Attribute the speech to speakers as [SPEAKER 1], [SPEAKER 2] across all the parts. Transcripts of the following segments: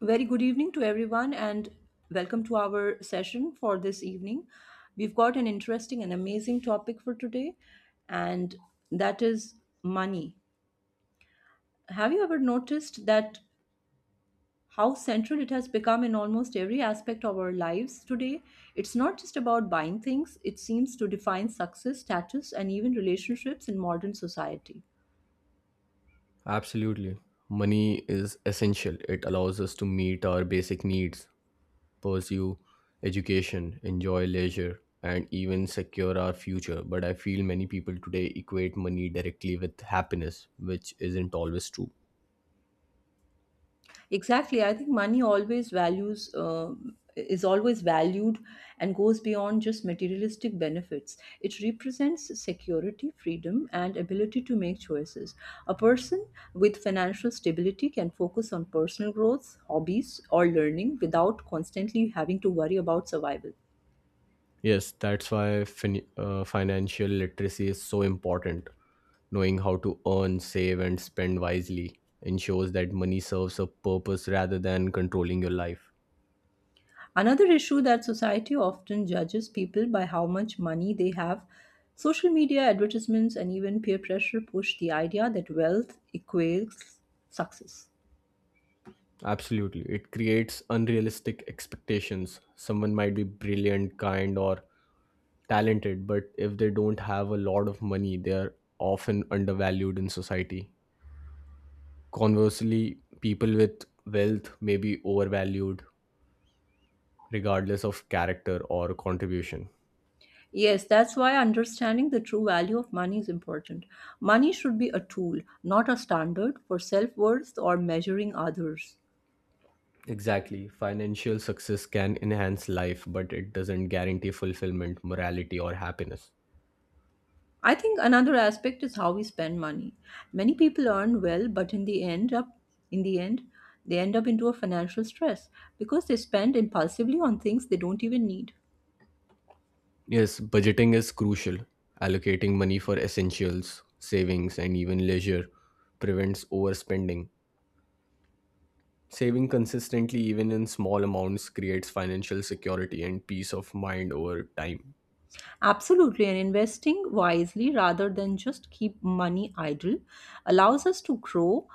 [SPEAKER 1] Very good evening to everyone, and welcome to our session for this evening. We've got an interesting and amazing topic for today, and that is money. Have you ever noticed that how central it has become in almost every aspect of our lives today? It's not just about buying things, it seems to define success, status, and even relationships in modern society.
[SPEAKER 2] Absolutely. Money is essential. It allows us to meet our basic needs, pursue education, enjoy leisure, and even secure our future. But I feel many people today equate money directly with happiness, which isn't always true.
[SPEAKER 1] Exactly. I think money always values is always valued and goes beyond just materialistic benefits. It represents security, freedom, and ability to make choices. A person with financial stability can focus on personal growth, hobbies, or learning without constantly having to worry about survival.
[SPEAKER 2] Yes, that's why financial literacy is so important. Knowing how to earn, save, and spend wisely ensures that money serves a purpose rather than controlling your life.
[SPEAKER 1] Another issue that society often judges people by how much money they have. Social media advertisements and even peer pressure push the idea that wealth equals success.
[SPEAKER 2] Absolutely. It creates unrealistic expectations. Someone might be brilliant, kind, or talented, but if they don't have a lot of money, they are often undervalued in society. Conversely, people with wealth may be overvalued regardless of character or contribution.
[SPEAKER 1] Yes, that's why understanding the true value of money is important. Money should be a tool, not a standard for self worth or measuring others.
[SPEAKER 2] Exactly. Financial success can enhance life, but it doesn't guarantee fulfillment, morality, or happiness.
[SPEAKER 1] I think another aspect is how we spend money. Many people earn well, but in the end they end up into a financial stress because they spend impulsively on things they don't even need.
[SPEAKER 2] Yes, budgeting is crucial. Allocating money for essentials, savings, and even leisure prevents overspending. Saving consistently, even in small amounts, creates financial security and peace of mind over time.
[SPEAKER 1] Absolutely, and investing wisely rather than just keep money idle allows us to grow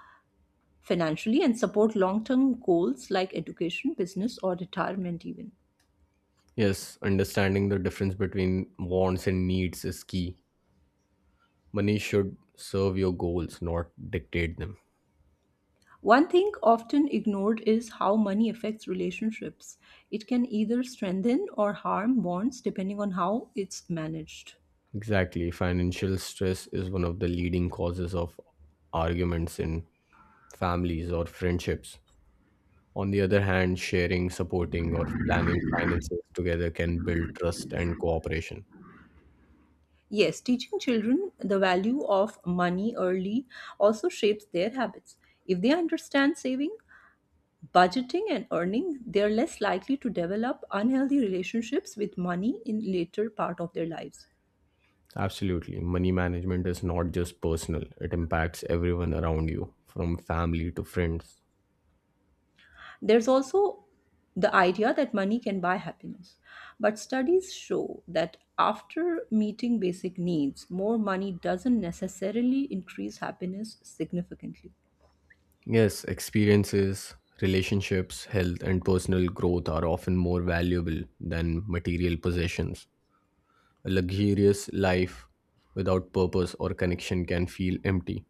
[SPEAKER 1] financially and support long-term goals like education, business or retirement even.
[SPEAKER 2] Yes, understanding the difference between wants and needs is key. Money should serve your goals, not dictate them.
[SPEAKER 1] One thing often ignored is how money affects relationships. It can either strengthen or harm bonds depending on how it's managed.
[SPEAKER 2] Exactly. Financial stress is one of the leading causes of arguments in families or friendships. On the other hand, sharing, supporting, or planning finances together can build trust and cooperation.
[SPEAKER 1] Yes, teaching children the value of money early also shapes their habits. If they understand saving, budgeting, and earning, they are less likely to develop unhealthy relationships with money in later part of their lives.
[SPEAKER 2] Absolutely. Money management is not just personal, it impacts everyone around you, from family to friends.
[SPEAKER 1] There's also the idea that money can buy happiness. But studies show that after meeting basic needs, more money doesn't necessarily increase happiness significantly.
[SPEAKER 2] Yes, experiences, relationships, health, and personal growth are often more valuable than material possessions. A luxurious life without purpose or connection can feel empty.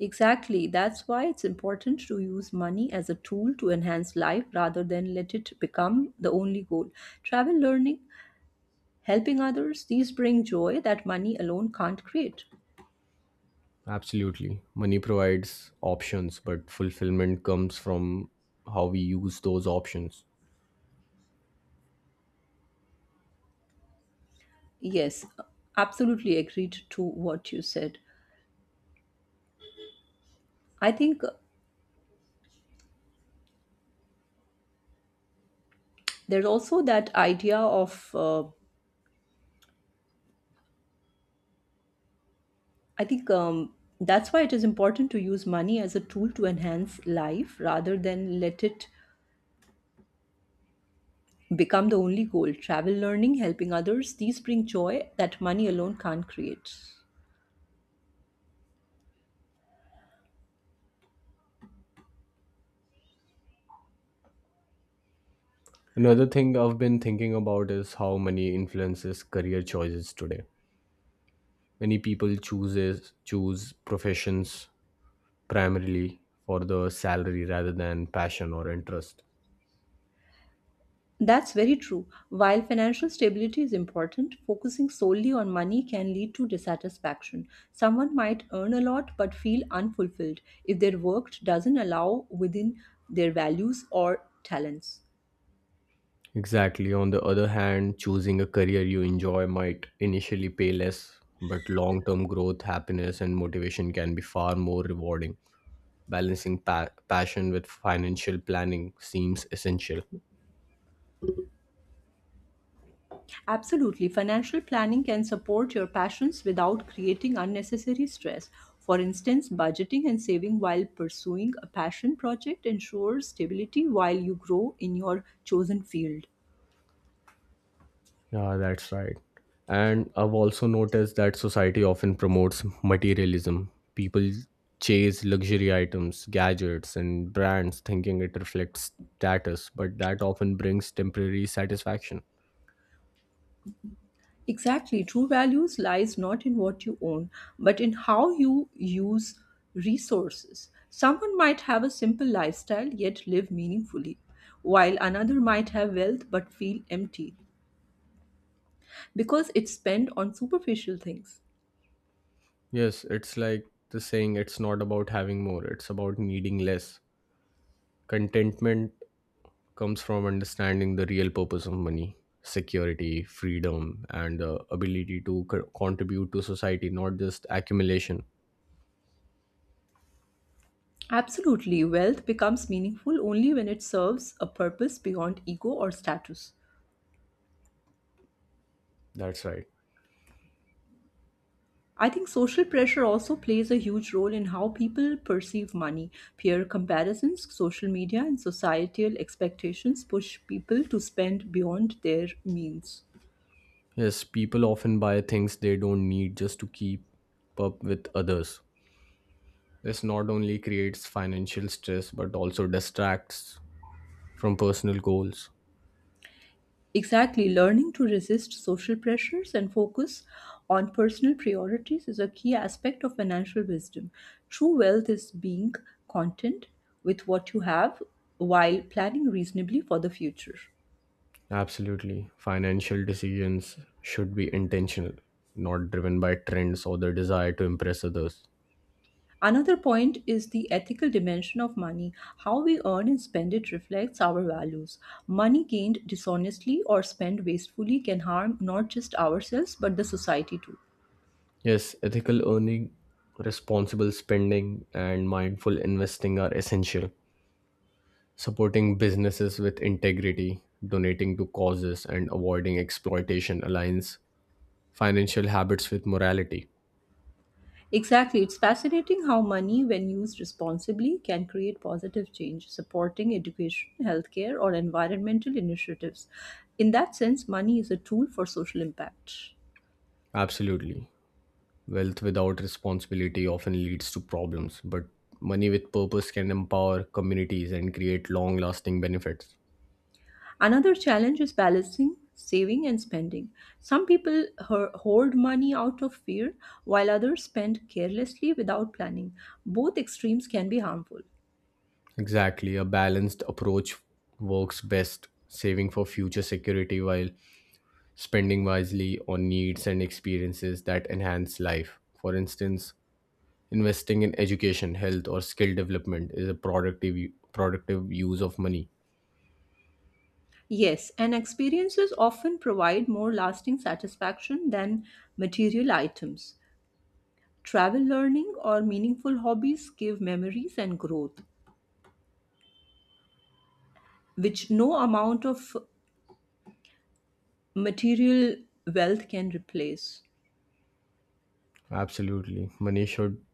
[SPEAKER 1] Exactly, that's why it's important to use money as a tool to enhance life rather than let it become the only goal. Travel, learning, helping others, these bring joy that money alone can't create.
[SPEAKER 2] Absolutely. Money provides options, but fulfillment comes from how we use those options.
[SPEAKER 1] Yes, absolutely agreed to what you said. I think there's also that idea of I think that's why it is important to use money as a tool to enhance life rather than let it become the only goal travel learning helping others these bring joy that money alone can't create
[SPEAKER 2] Another thing I've been thinking about is how money influences career choices today. Many people choose professions primarily for the salary rather than passion or interest.
[SPEAKER 1] that's very true. While financial stability is important, focusing solely on money can lead to dissatisfaction. Someone might earn a lot but feel unfulfilled if their work doesn't allow within their values or talents.
[SPEAKER 2] Exactly. On the other hand, choosing a career you enjoy might initially pay less, but long-term growth, happiness, and motivation can be far more rewarding. Balancing passion with financial planning seems essential.
[SPEAKER 1] Absolutely. Financial planning can support your passions without creating unnecessary stress. For instance, budgeting and saving while pursuing a passion project ensures stability while you grow in your chosen field.
[SPEAKER 2] Yeah, that's right. And I've also noticed that society often promotes materialism. People chase luxury items, gadgets, and brands thinking it reflects status, but that often brings temporary satisfaction.
[SPEAKER 1] Exactly. True values lies not in what you own, but in how you use resources. Someone might have a simple lifestyle yet live meaningfully, while another might have wealth but feel empty because it's spent on superficial things.
[SPEAKER 2] Yes, it's like the saying, it's not about having more, it's about needing less. Contentment comes from understanding the real purpose of money, security, freedom, and the ability to contribute to society, not just accumulation.
[SPEAKER 1] Absolutely, wealth becomes meaningful only when it serves a purpose beyond ego or status.
[SPEAKER 2] That's right.
[SPEAKER 1] I think social pressure also plays a huge role in how people perceive money. Peer comparisons, social media, and societal expectations push people to spend beyond their means.
[SPEAKER 2] Yes, people often buy things they don't need just to keep up with others. This not only creates financial stress but also distracts from personal goals.
[SPEAKER 1] Exactly, learning to resist social pressures and focus on personal priorities is a key aspect of financial wisdom. True wealth is being content with what you have while planning reasonably for the future.
[SPEAKER 2] Absolutely, financial decisions should be intentional, not driven by trends or the desire to impress others.
[SPEAKER 1] Another point is the ethical dimension of money. How we earn and spend it reflects our values. Money gained dishonestly or spent wastefully can harm not just ourselves but the society too.
[SPEAKER 2] Yes, ethical earning, responsible spending, and mindful investing are essential. Supporting businesses with integrity, donating to causes, and avoiding exploitation aligns financial habits with morality.
[SPEAKER 1] Exactly. It's fascinating how money, when used responsibly, can create positive change, supporting education, healthcare, or environmental initiatives. In that sense, money is a tool for social impact.
[SPEAKER 2] Absolutely. Wealth without responsibility often leads to problems, but money with purpose can empower communities and create long lasting benefits.
[SPEAKER 1] Another challenge is balancing saving and spending. Some people hoard money out of fear, while others spend carelessly without planning. Both extremes can be harmful.
[SPEAKER 2] Exactly. A balanced approach works best, saving for future security while spending wisely on needs and experiences that enhance life. For instance, investing in education, health, or skill development is a productive use of money.
[SPEAKER 1] Yes, and experiences often provide more lasting satisfaction than material items. Travel learning or meaningful hobbies give memories and growth, which no amount of material wealth can replace.
[SPEAKER 2] Absolutely. Money should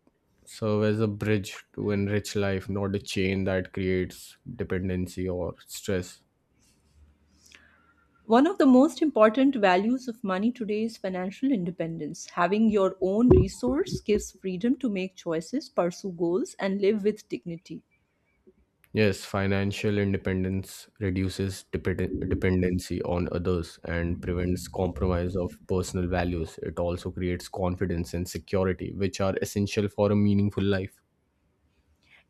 [SPEAKER 2] serve as a bridge to enrich life, not a chain that creates dependency or stress.
[SPEAKER 1] One of the most important values of money today is financial independence. Having your own resource gives freedom to make choices, pursue goals, and live with dignity.
[SPEAKER 2] Yes, financial independence reduces dependency on others and prevents compromise of personal values. It also creates confidence and security, which are essential for a meaningful life.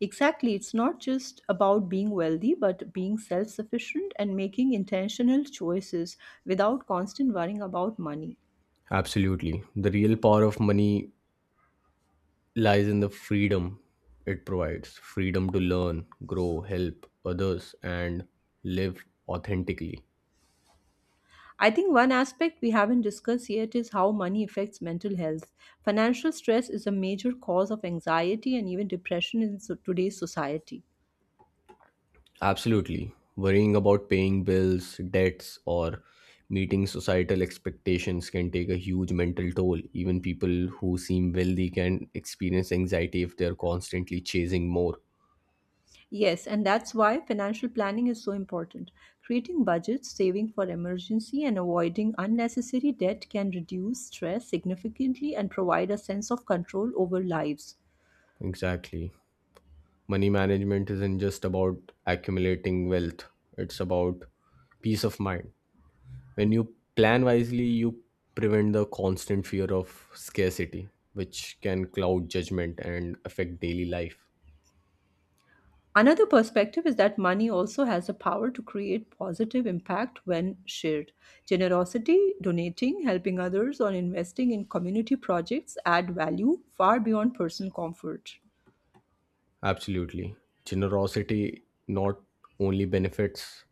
[SPEAKER 1] Exactly, it's not just about being wealthy, but being self sufficient and making intentional choices without constant worrying about money.
[SPEAKER 2] Absolutely. The real power of money lies in the freedom it provides, freedom to learn, grow, help others, and live authentically.
[SPEAKER 1] I think one aspect we haven't discussed yet is how money affects mental health. Financial stress is a major cause of anxiety and even depression in today's society.
[SPEAKER 2] Absolutely. Worrying about paying bills, debts, or meeting societal expectations can take a huge mental toll. Even people who seem wealthy can experience anxiety if they're constantly chasing more.
[SPEAKER 1] Yes, and that's why financial planning is so important. Creating budgets, saving for emergency, and avoiding unnecessary debt can reduce stress significantly and provide a sense of control over lives.
[SPEAKER 2] Exactly. Money management isn't just about accumulating wealth, it's about peace of mind. When you plan wisely, you prevent the constant fear of scarcity, which can cloud judgment and affect daily life.
[SPEAKER 1] Another perspective is that money also has the power to create positive impact when shared. Generosity, donating, helping others, or investing in community projects add value far beyond personal comfort.
[SPEAKER 2] Absolutely. Generosity not only benefits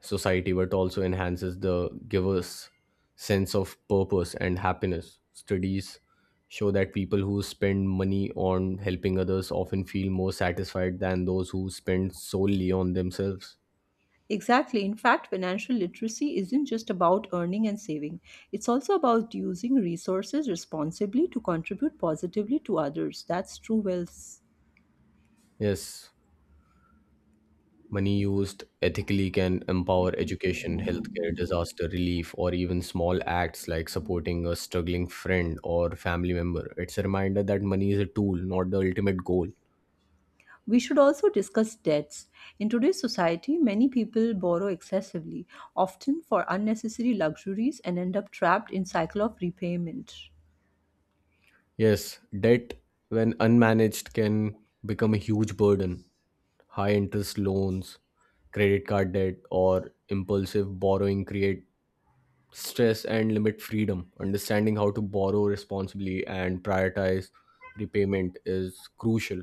[SPEAKER 2] society but also enhances the giver's sense of purpose and happiness. Studies show that people who spend money on helping others often feel more satisfied than those who spend solely on themselves.
[SPEAKER 1] Exactly. In fact, financial literacy isn't just about earning and saving, it's also about using resources responsibly to contribute positively to others. That's true wealth.
[SPEAKER 2] Yes, money used ethically can empower education, healthcare, disaster relief, or even small acts like supporting a struggling friend or family member. It's a reminder that money is a tool, not the ultimate goal.
[SPEAKER 1] We should also discuss debts. In today's society, many people borrow excessively, often for unnecessary luxuries, and end up trapped in cycle of repayment.
[SPEAKER 2] Yes, debt, when unmanaged, can become a huge burden. High interest loans, credit card debt, or impulsive borrowing create stress and limit freedom. Understanding how to borrow responsibly and prioritize repayment is crucial.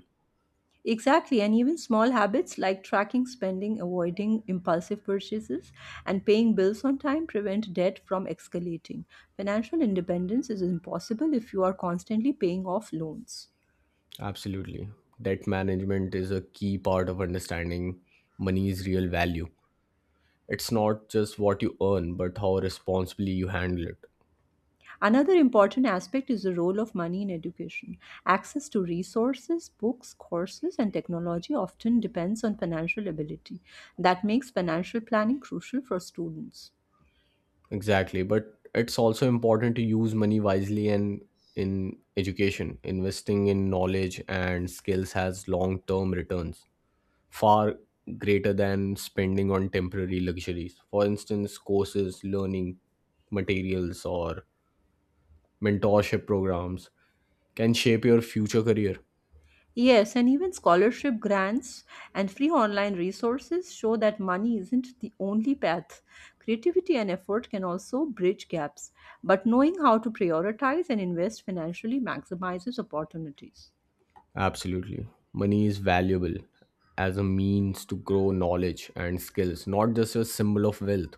[SPEAKER 1] Exactly, and even small habits like tracking spending, avoiding impulsive purchases, and paying bills on time prevent debt from escalating. Financial independence is impossible if you are constantly paying off loans.
[SPEAKER 2] Absolutely. Debt management is a key part of understanding money's real value. It's not just what you earn, but how responsibly you handle it.
[SPEAKER 1] Another important aspect is the role of money in education. Access to resources, books, courses, and technology often depends on financial ability. That makes financial planning crucial for students.
[SPEAKER 2] Exactly. But it's also important to use money wisely and in education. Investing in knowledge and skills has long term returns, far greater than spending on temporary luxuries. For instance, courses, learning materials, or mentorship programs can shape your future career.
[SPEAKER 1] Yes, and even scholarship grants and free online resources show that money isn't the only path. Creativity and effort can also bridge gaps, but knowing how to prioritize and invest financially maximizes opportunities.
[SPEAKER 2] Absolutely. Money is valuable as a means to grow knowledge and skills, not just a symbol of wealth.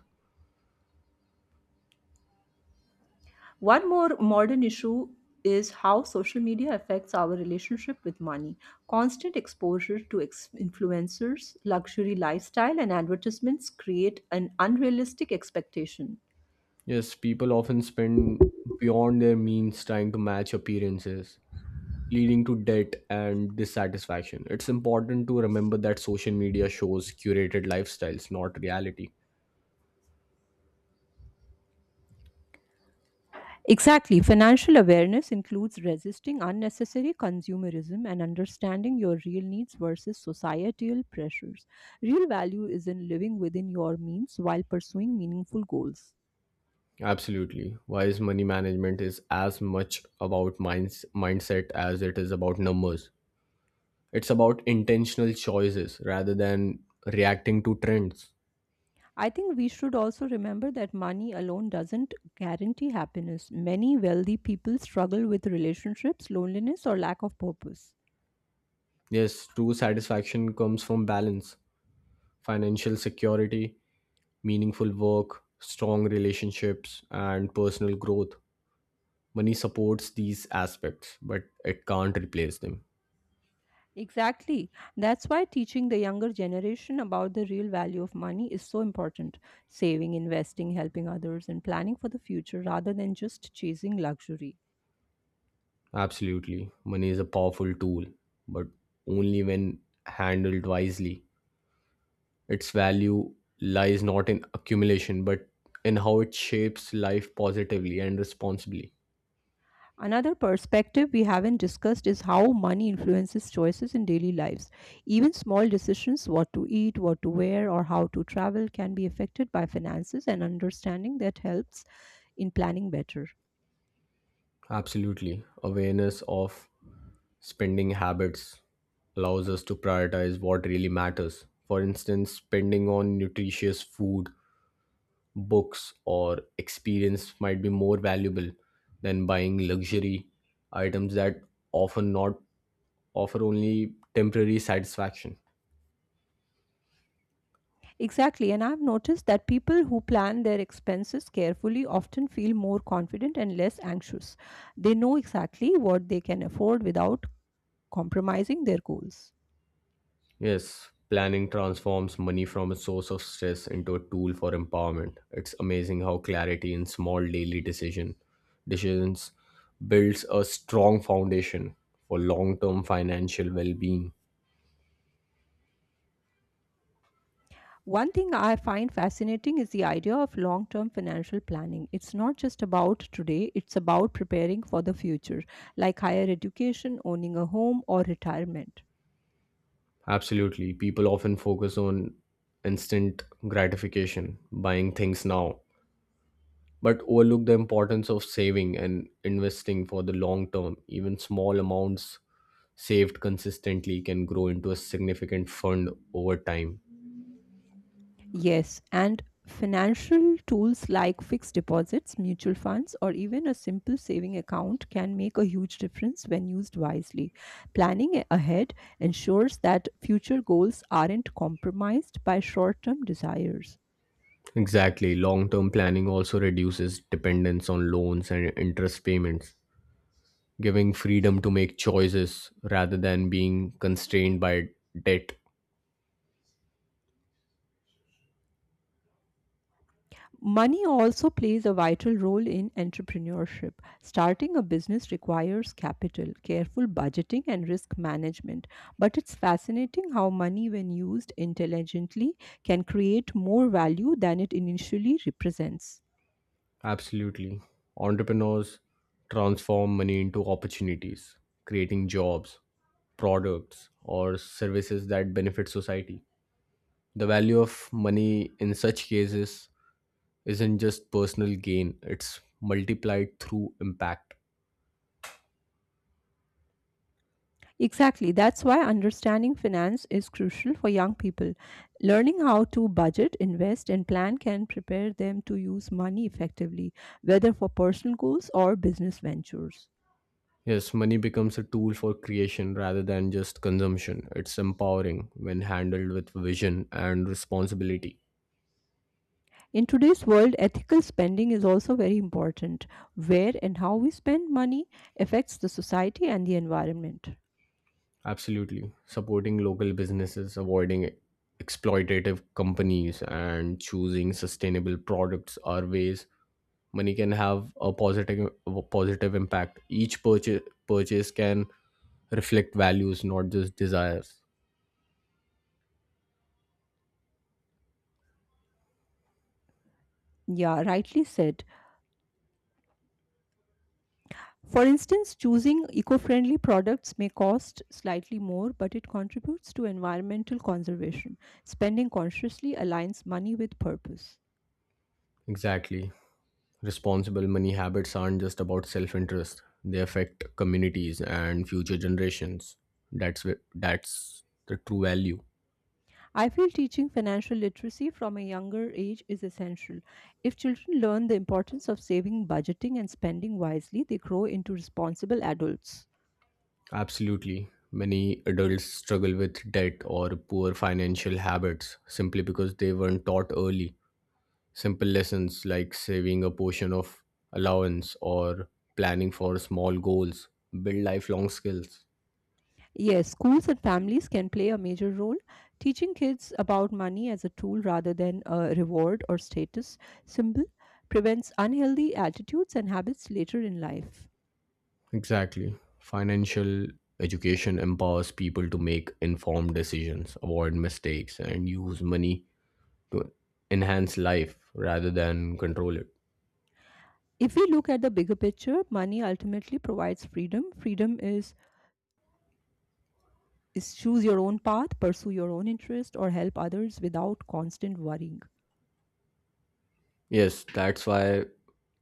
[SPEAKER 1] One more modern issue is how social media affects our relationship with money. Constant exposure to influencers, luxury lifestyle, and advertisements create an unrealistic expectation.
[SPEAKER 2] Yes, people often spend beyond their means trying to match appearances, leading to debt and dissatisfaction. It's important to remember that social media shows curated lifestyles, not reality.
[SPEAKER 1] Exactly. Financial awareness includes resisting unnecessary consumerism and understanding your real needs versus societal pressures. Real value is in living within your means while pursuing meaningful goals.
[SPEAKER 2] Absolutely. Wise money management is as much about mindset as it is about numbers. It's about intentional choices rather than reacting to trends.
[SPEAKER 1] I think we should also remember that money alone doesn't guarantee happiness. Many wealthy people struggle with relationships, loneliness, or lack of purpose.
[SPEAKER 2] Yes, true satisfaction comes from balance, financial security, meaningful work, strong relationships, and personal growth. Money supports these aspects, but it can't replace them.
[SPEAKER 1] Exactly. That's why teaching the younger generation about the real value of money is so important. Saving, investing, helping others, and planning for the future rather than just chasing luxury.
[SPEAKER 2] Absolutely. Money is a powerful tool, but only when handled wisely. Its value lies not in accumulation, but in how it shapes life positively and responsibly.
[SPEAKER 1] Another perspective we haven't discussed is how money influences choices in daily lives. Even small decisions, what to eat, what to wear, or how to travel, can be affected by finances, and understanding that helps in planning better.
[SPEAKER 2] Absolutely. Awareness of spending habits allows us to prioritize what really matters. For instance, spending on nutritious food, books, or experience might be more valuable than buying luxury items that often not offer only temporary satisfaction.
[SPEAKER 1] Exactly, and I've noticed that people who plan their expenses carefully often feel more confident and less anxious. They know exactly what they can afford without compromising their goals.
[SPEAKER 2] Yes, planning transforms money from a source of stress into a tool for empowerment. It's amazing how clarity in small daily decision decisions builds a strong foundation for long-term financial well-being.
[SPEAKER 1] One thing I find fascinating is the idea of long term financial planning. It's not just about today, it's about preparing for the future, like higher education, owning a home, or retirement.
[SPEAKER 2] Absolutely. People often focus on instant gratification, buying things now, but overlook the importance of saving and investing for the long term. Even small amounts saved consistently can grow into a significant fund over time.
[SPEAKER 1] Yes, and financial tools like fixed deposits, mutual funds, or even a simple saving account can make a huge difference when used wisely. Planning ahead ensures that future goals aren't compromised by short term desires.
[SPEAKER 2] Exactly. Long term planning also reduces dependence on loans and interest payments, giving freedom to make choices rather than being constrained by debt.
[SPEAKER 1] Money also plays a vital role in entrepreneurship. Starting a business requires capital, careful budgeting, and risk management. But it's fascinating how money, when used intelligently, can create more value than it initially represents.
[SPEAKER 2] Absolutely. Entrepreneurs transform money into opportunities, creating jobs, products, or services that benefit society. The value of money in such cases isn't just personal gain, it's multiplied through impact.
[SPEAKER 1] Exactly, that's why understanding finance is crucial for young people. Learning how to budget, invest, and plan can prepare them to use money effectively, whether for personal goals or business ventures.
[SPEAKER 2] Yes, money becomes a tool for creation rather than just consumption. It's empowering when handled with vision and responsibility.
[SPEAKER 1] In today's world, ethical spending is also very important. Where and how we spend money affects the society and the environment.
[SPEAKER 2] Absolutely. Supporting local businesses, avoiding exploitative companies, and choosing sustainable products are ways money can have a positive impact. Each purchase can reflect values, not just desires.
[SPEAKER 1] Yeah, rightly said. For instance, choosing eco friendly products may cost slightly more, but it contributes to environmental conservation. Spending consciously aligns money with purpose.
[SPEAKER 2] Exactly. Responsible money habits aren't just about self-interest. They affect communities and future generations. That's the true value.
[SPEAKER 1] I feel teaching financial literacy from a younger age is essential. If children learn the importance of saving, budgeting, and spending wisely, they grow into responsible adults.
[SPEAKER 2] Absolutely. Many adults struggle with debt or poor financial habits simply because they weren't taught early. Simple lessons like saving a portion of allowance or planning for small goals build lifelong skills.
[SPEAKER 1] Yes, schools and families can play a major role. Teaching kids about money as a tool rather than a reward or status symbol prevents unhealthy attitudes and habits later in life.
[SPEAKER 2] Exactly. Financial education empowers people to make informed decisions, avoid mistakes, and use money to enhance life rather than control it.
[SPEAKER 1] If we look at the bigger picture, money ultimately provides freedom. Is choose your own path, pursue your own interest, or help others without constant worrying.
[SPEAKER 2] Yes, that's why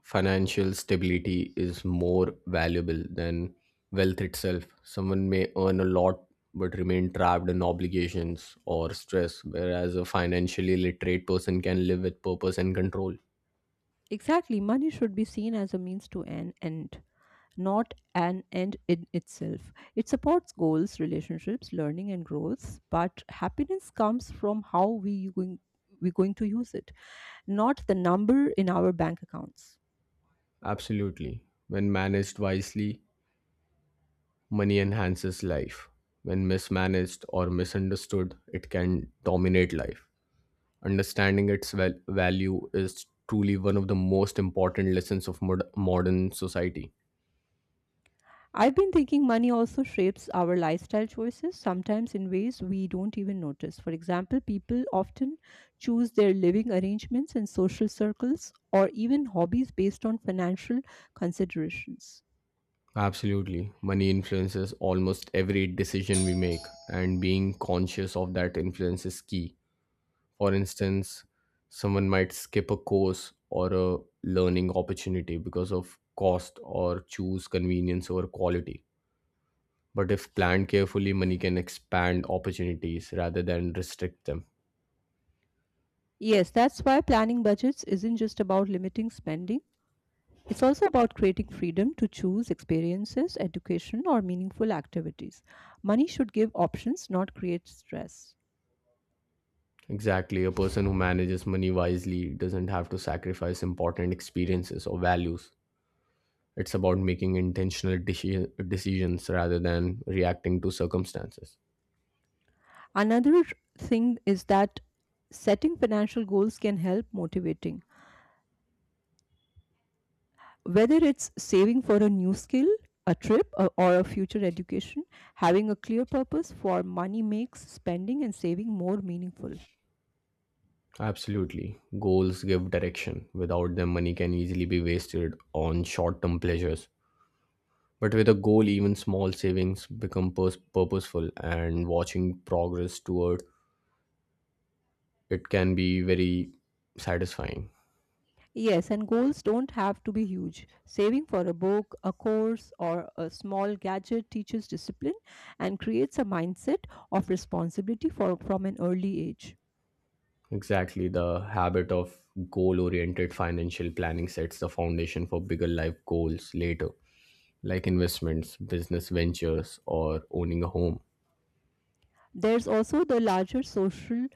[SPEAKER 2] financial stability is more valuable than wealth itself. Someone may earn a lot but remain trapped in obligations or stress, whereas a financially literate person can live with purpose and control.
[SPEAKER 1] Exactly, money should be seen as a means to an end. Not an end in itself. It supports goals, relationships, learning, and growth, but happiness comes from we're going to use it, not the number in our bank accounts.
[SPEAKER 2] Absolutely. When managed wisely, money enhances life. When mismanaged or misunderstood, it can dominate life. Understanding its value is truly one of the most important lessons of modern society.
[SPEAKER 1] I've been thinking money also shapes our lifestyle choices, sometimes in ways we don't even notice. For example, people often choose their living arrangements and social circles or even hobbies based on financial considerations.
[SPEAKER 2] Absolutely. Money influences almost every decision we make, and being conscious of that influence is key. For instance, someone might skip a course or a learning opportunity because of cost or choose convenience over quality. But if planned carefully, money can expand opportunities rather than restrict them.
[SPEAKER 1] Yes, that's why planning budgets isn't just about limiting spending. It's also about creating freedom to choose experiences, education, or meaningful activities. Money should give options, not create stress.
[SPEAKER 2] Exactly. A person who manages money wisely doesn't have to sacrifice important experiences or values. It's about making intentional decisions rather than reacting to circumstances.
[SPEAKER 1] Another thing is that setting financial goals can help motivating. Whether it's saving for a new skill, a trip, or a future education, having a clear purpose for money makes spending and saving more meaningful.
[SPEAKER 2] Absolutely. Goals give direction. Without them, money can easily be wasted on short term pleasures. But with a goal, even small savings become purposeful, and watching progress toward it can be very satisfying.
[SPEAKER 1] Yes, and goals don't have to be huge. Saving for a book, a course, or a small gadget teaches discipline and creates a mindset of responsibility for, from an early age.
[SPEAKER 2] Exactly. The habit of goal oriented financial planning sets the foundation for bigger life goals later, like investments, business ventures, or owning a home.
[SPEAKER 1] There's also the larger social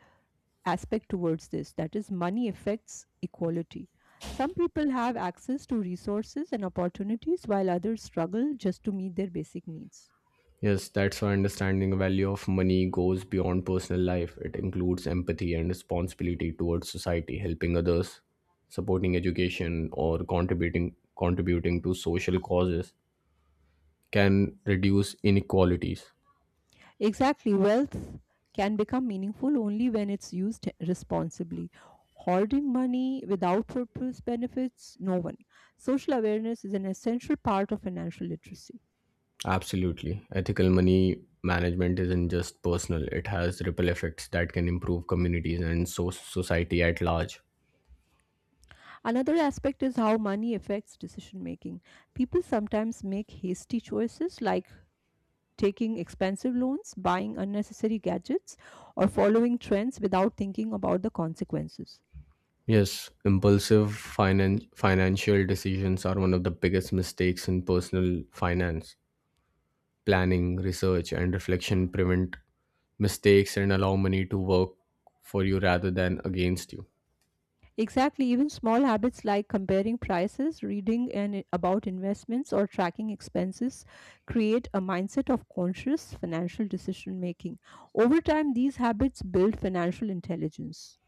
[SPEAKER 1] aspect towards this that is, money affects equality. Some people have access to resources and opportunities while others struggle just to meet their basic needs.
[SPEAKER 2] Yes, that's why understanding the value of money goes beyond personal life. It includes empathy and responsibility towards society, helping others, supporting education, or contributing to social causes can reduce inequalities.
[SPEAKER 1] Exactly. Wealth can become meaningful only when it's used responsibly. Hoarding money without purpose benefits no one. Social awareness is an essential part of financial literacy.
[SPEAKER 2] Absolutely. Ethical money management isn't just personal, it has ripple effects that can improve communities and society at large.
[SPEAKER 1] Another aspect is how money affects decision making. People sometimes make hasty choices like taking expensive loans, buying unnecessary gadgets, or following trends without thinking about the consequences.
[SPEAKER 2] Yes, impulsive financial decisions are one of the biggest mistakes in personal finance. Planning, research, and reflection prevent mistakes and allow money to work for you rather than against you.
[SPEAKER 1] Exactly. Even small habits like comparing prices, reading and about investments, or tracking expenses create a mindset of conscious financial decision making. Over time, these habits build financial intelligence.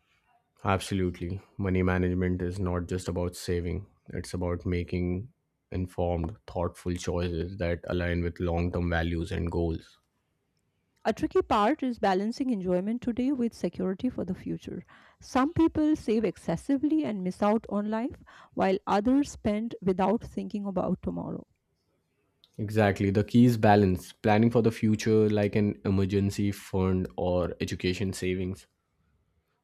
[SPEAKER 2] Absolutely. Money management is not just about saving, it's about making informed, thoughtful choices that align with long term values and goals.
[SPEAKER 1] A tricky part is balancing enjoyment today with security for the future. Some people save excessively and miss out on life, while others spend without thinking about tomorrow.
[SPEAKER 2] Exactly. The key is balance, planning for the future like an emergency fund or education savings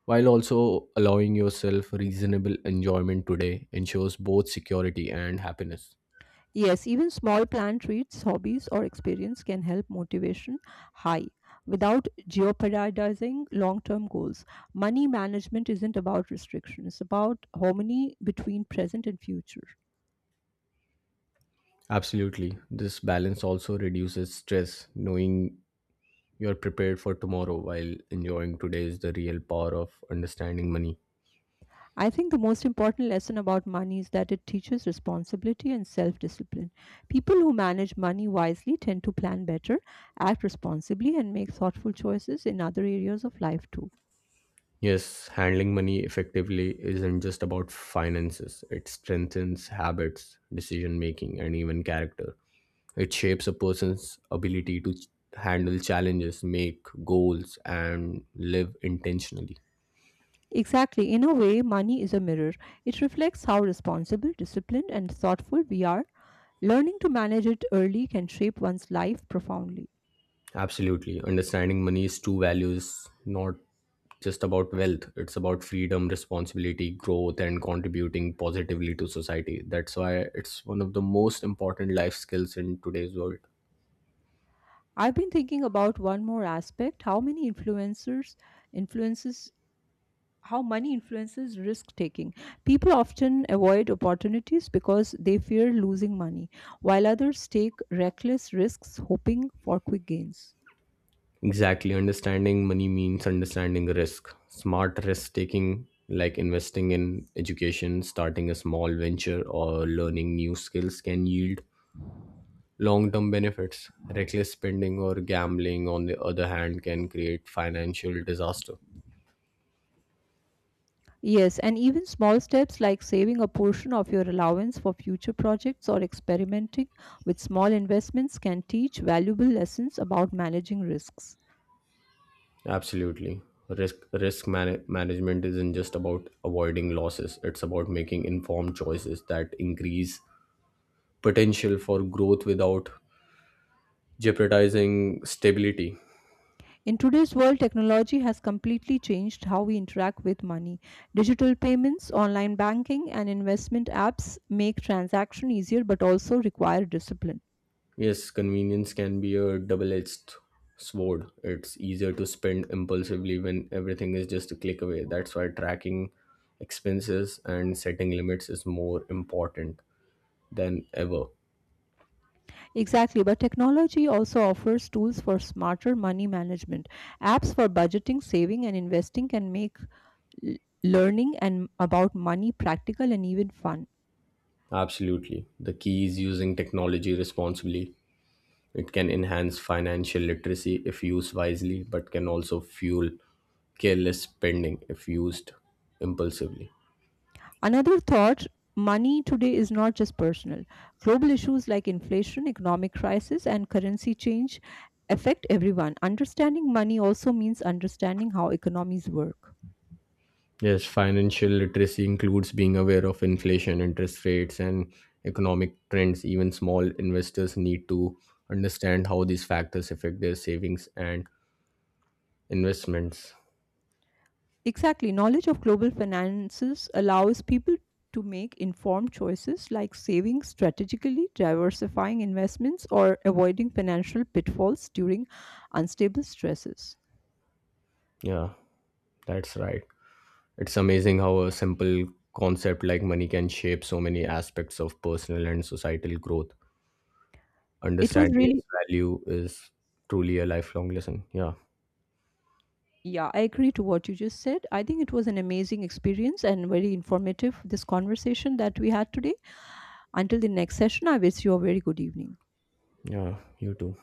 [SPEAKER 2] while also allowing yourself reasonable enjoyment today ensures both security and happiness.
[SPEAKER 1] Yes, even small planned treats, hobbies, or experience can help motivation high without jeopardizing long term goals. Money management isn't about restrictions, it's about harmony between present and future.
[SPEAKER 2] Absolutely. This balance also reduces stress, knowing you're prepared for tomorrow while enjoying today is the real power of understanding money.
[SPEAKER 1] I think the most important lesson about money is that it teaches responsibility and self discipline. People who manage money wisely tend to plan better, act responsibly, and make thoughtful choices in other areas of life too.
[SPEAKER 2] Yes, handling money effectively isn't just about finances, it strengthens habits, decision making, and even character. It shapes a person's ability to handle challenges, make goals, and live intentionally.
[SPEAKER 1] Exactly, in a way, money is a mirror. It reflects how responsible, disciplined, and thoughtful we are. Learning to manage it early can shape one's life profoundly.
[SPEAKER 2] Absolutely. Understanding money's true values, not just about wealth, it's about freedom, responsibility, growth, and contributing positively to society. That's why it's one of the most important life skills in today's world.
[SPEAKER 1] I've been thinking about one more aspect how many influencers influences how money influences risk taking. People often avoid opportunities because they fear losing money, while others take reckless risks hoping for quick gains.
[SPEAKER 2] Exactly. Understanding money means understanding risk. Smart risk taking, like investing in education, starting a small venture, or learning new skills, can yield long term benefits. Reckless spending or gambling, on the other hand, can create financial disaster.
[SPEAKER 1] Yes, and even small steps like saving a portion of your allowance for future projects or experimenting with small investments can teach valuable lessons about managing risks.
[SPEAKER 2] Absolutely. Risk management isn't just about avoiding losses. It's about making informed choices that increase potential for growth without jeopardizing stability.
[SPEAKER 1] In today's world, technology has completely changed how we interact with money. Digital payments, online banking, and investment apps make transaction easier but also require discipline.
[SPEAKER 2] Yes, convenience can be a double-edged sword. It's easier to spend impulsively when everything is just a click away. That's why tracking expenses and setting limits is more important than ever.
[SPEAKER 1] Exactly, but technology also offers tools for smarter money management. Apps for budgeting, saving, and investing can make l- learning and about money practical and even fun.
[SPEAKER 2] Absolutely. The key is using technology responsibly. It can enhance financial literacy if used wisely, but can also fuel careless spending if used impulsively.
[SPEAKER 1] Another thought money today is not just personal. Global issues like inflation, economic crisis, and currency change affect everyone. Understanding money also means understanding how economies work.
[SPEAKER 2] Yes, financial literacy includes being aware of inflation, interest rates, and economic trends. Even small investors need to understand how these factors affect their savings and investments.
[SPEAKER 1] Exactly. Knowledge of global finances allows people to make informed choices like saving strategically, diversifying investments, or avoiding financial pitfalls during unstable stresses.
[SPEAKER 2] Yeah, that's right. It's amazing how a simple concept like money can shape so many aspects of personal and societal growth.
[SPEAKER 1] It was
[SPEAKER 2] Understanding
[SPEAKER 1] really,
[SPEAKER 2] its value is truly a lifelong lesson. Yeah,
[SPEAKER 1] yeah, I agree to what you just said. I think it was an amazing experience and very informative, this conversation that we had today. Until the next session, I wish you a very good evening.
[SPEAKER 2] yeah, you too.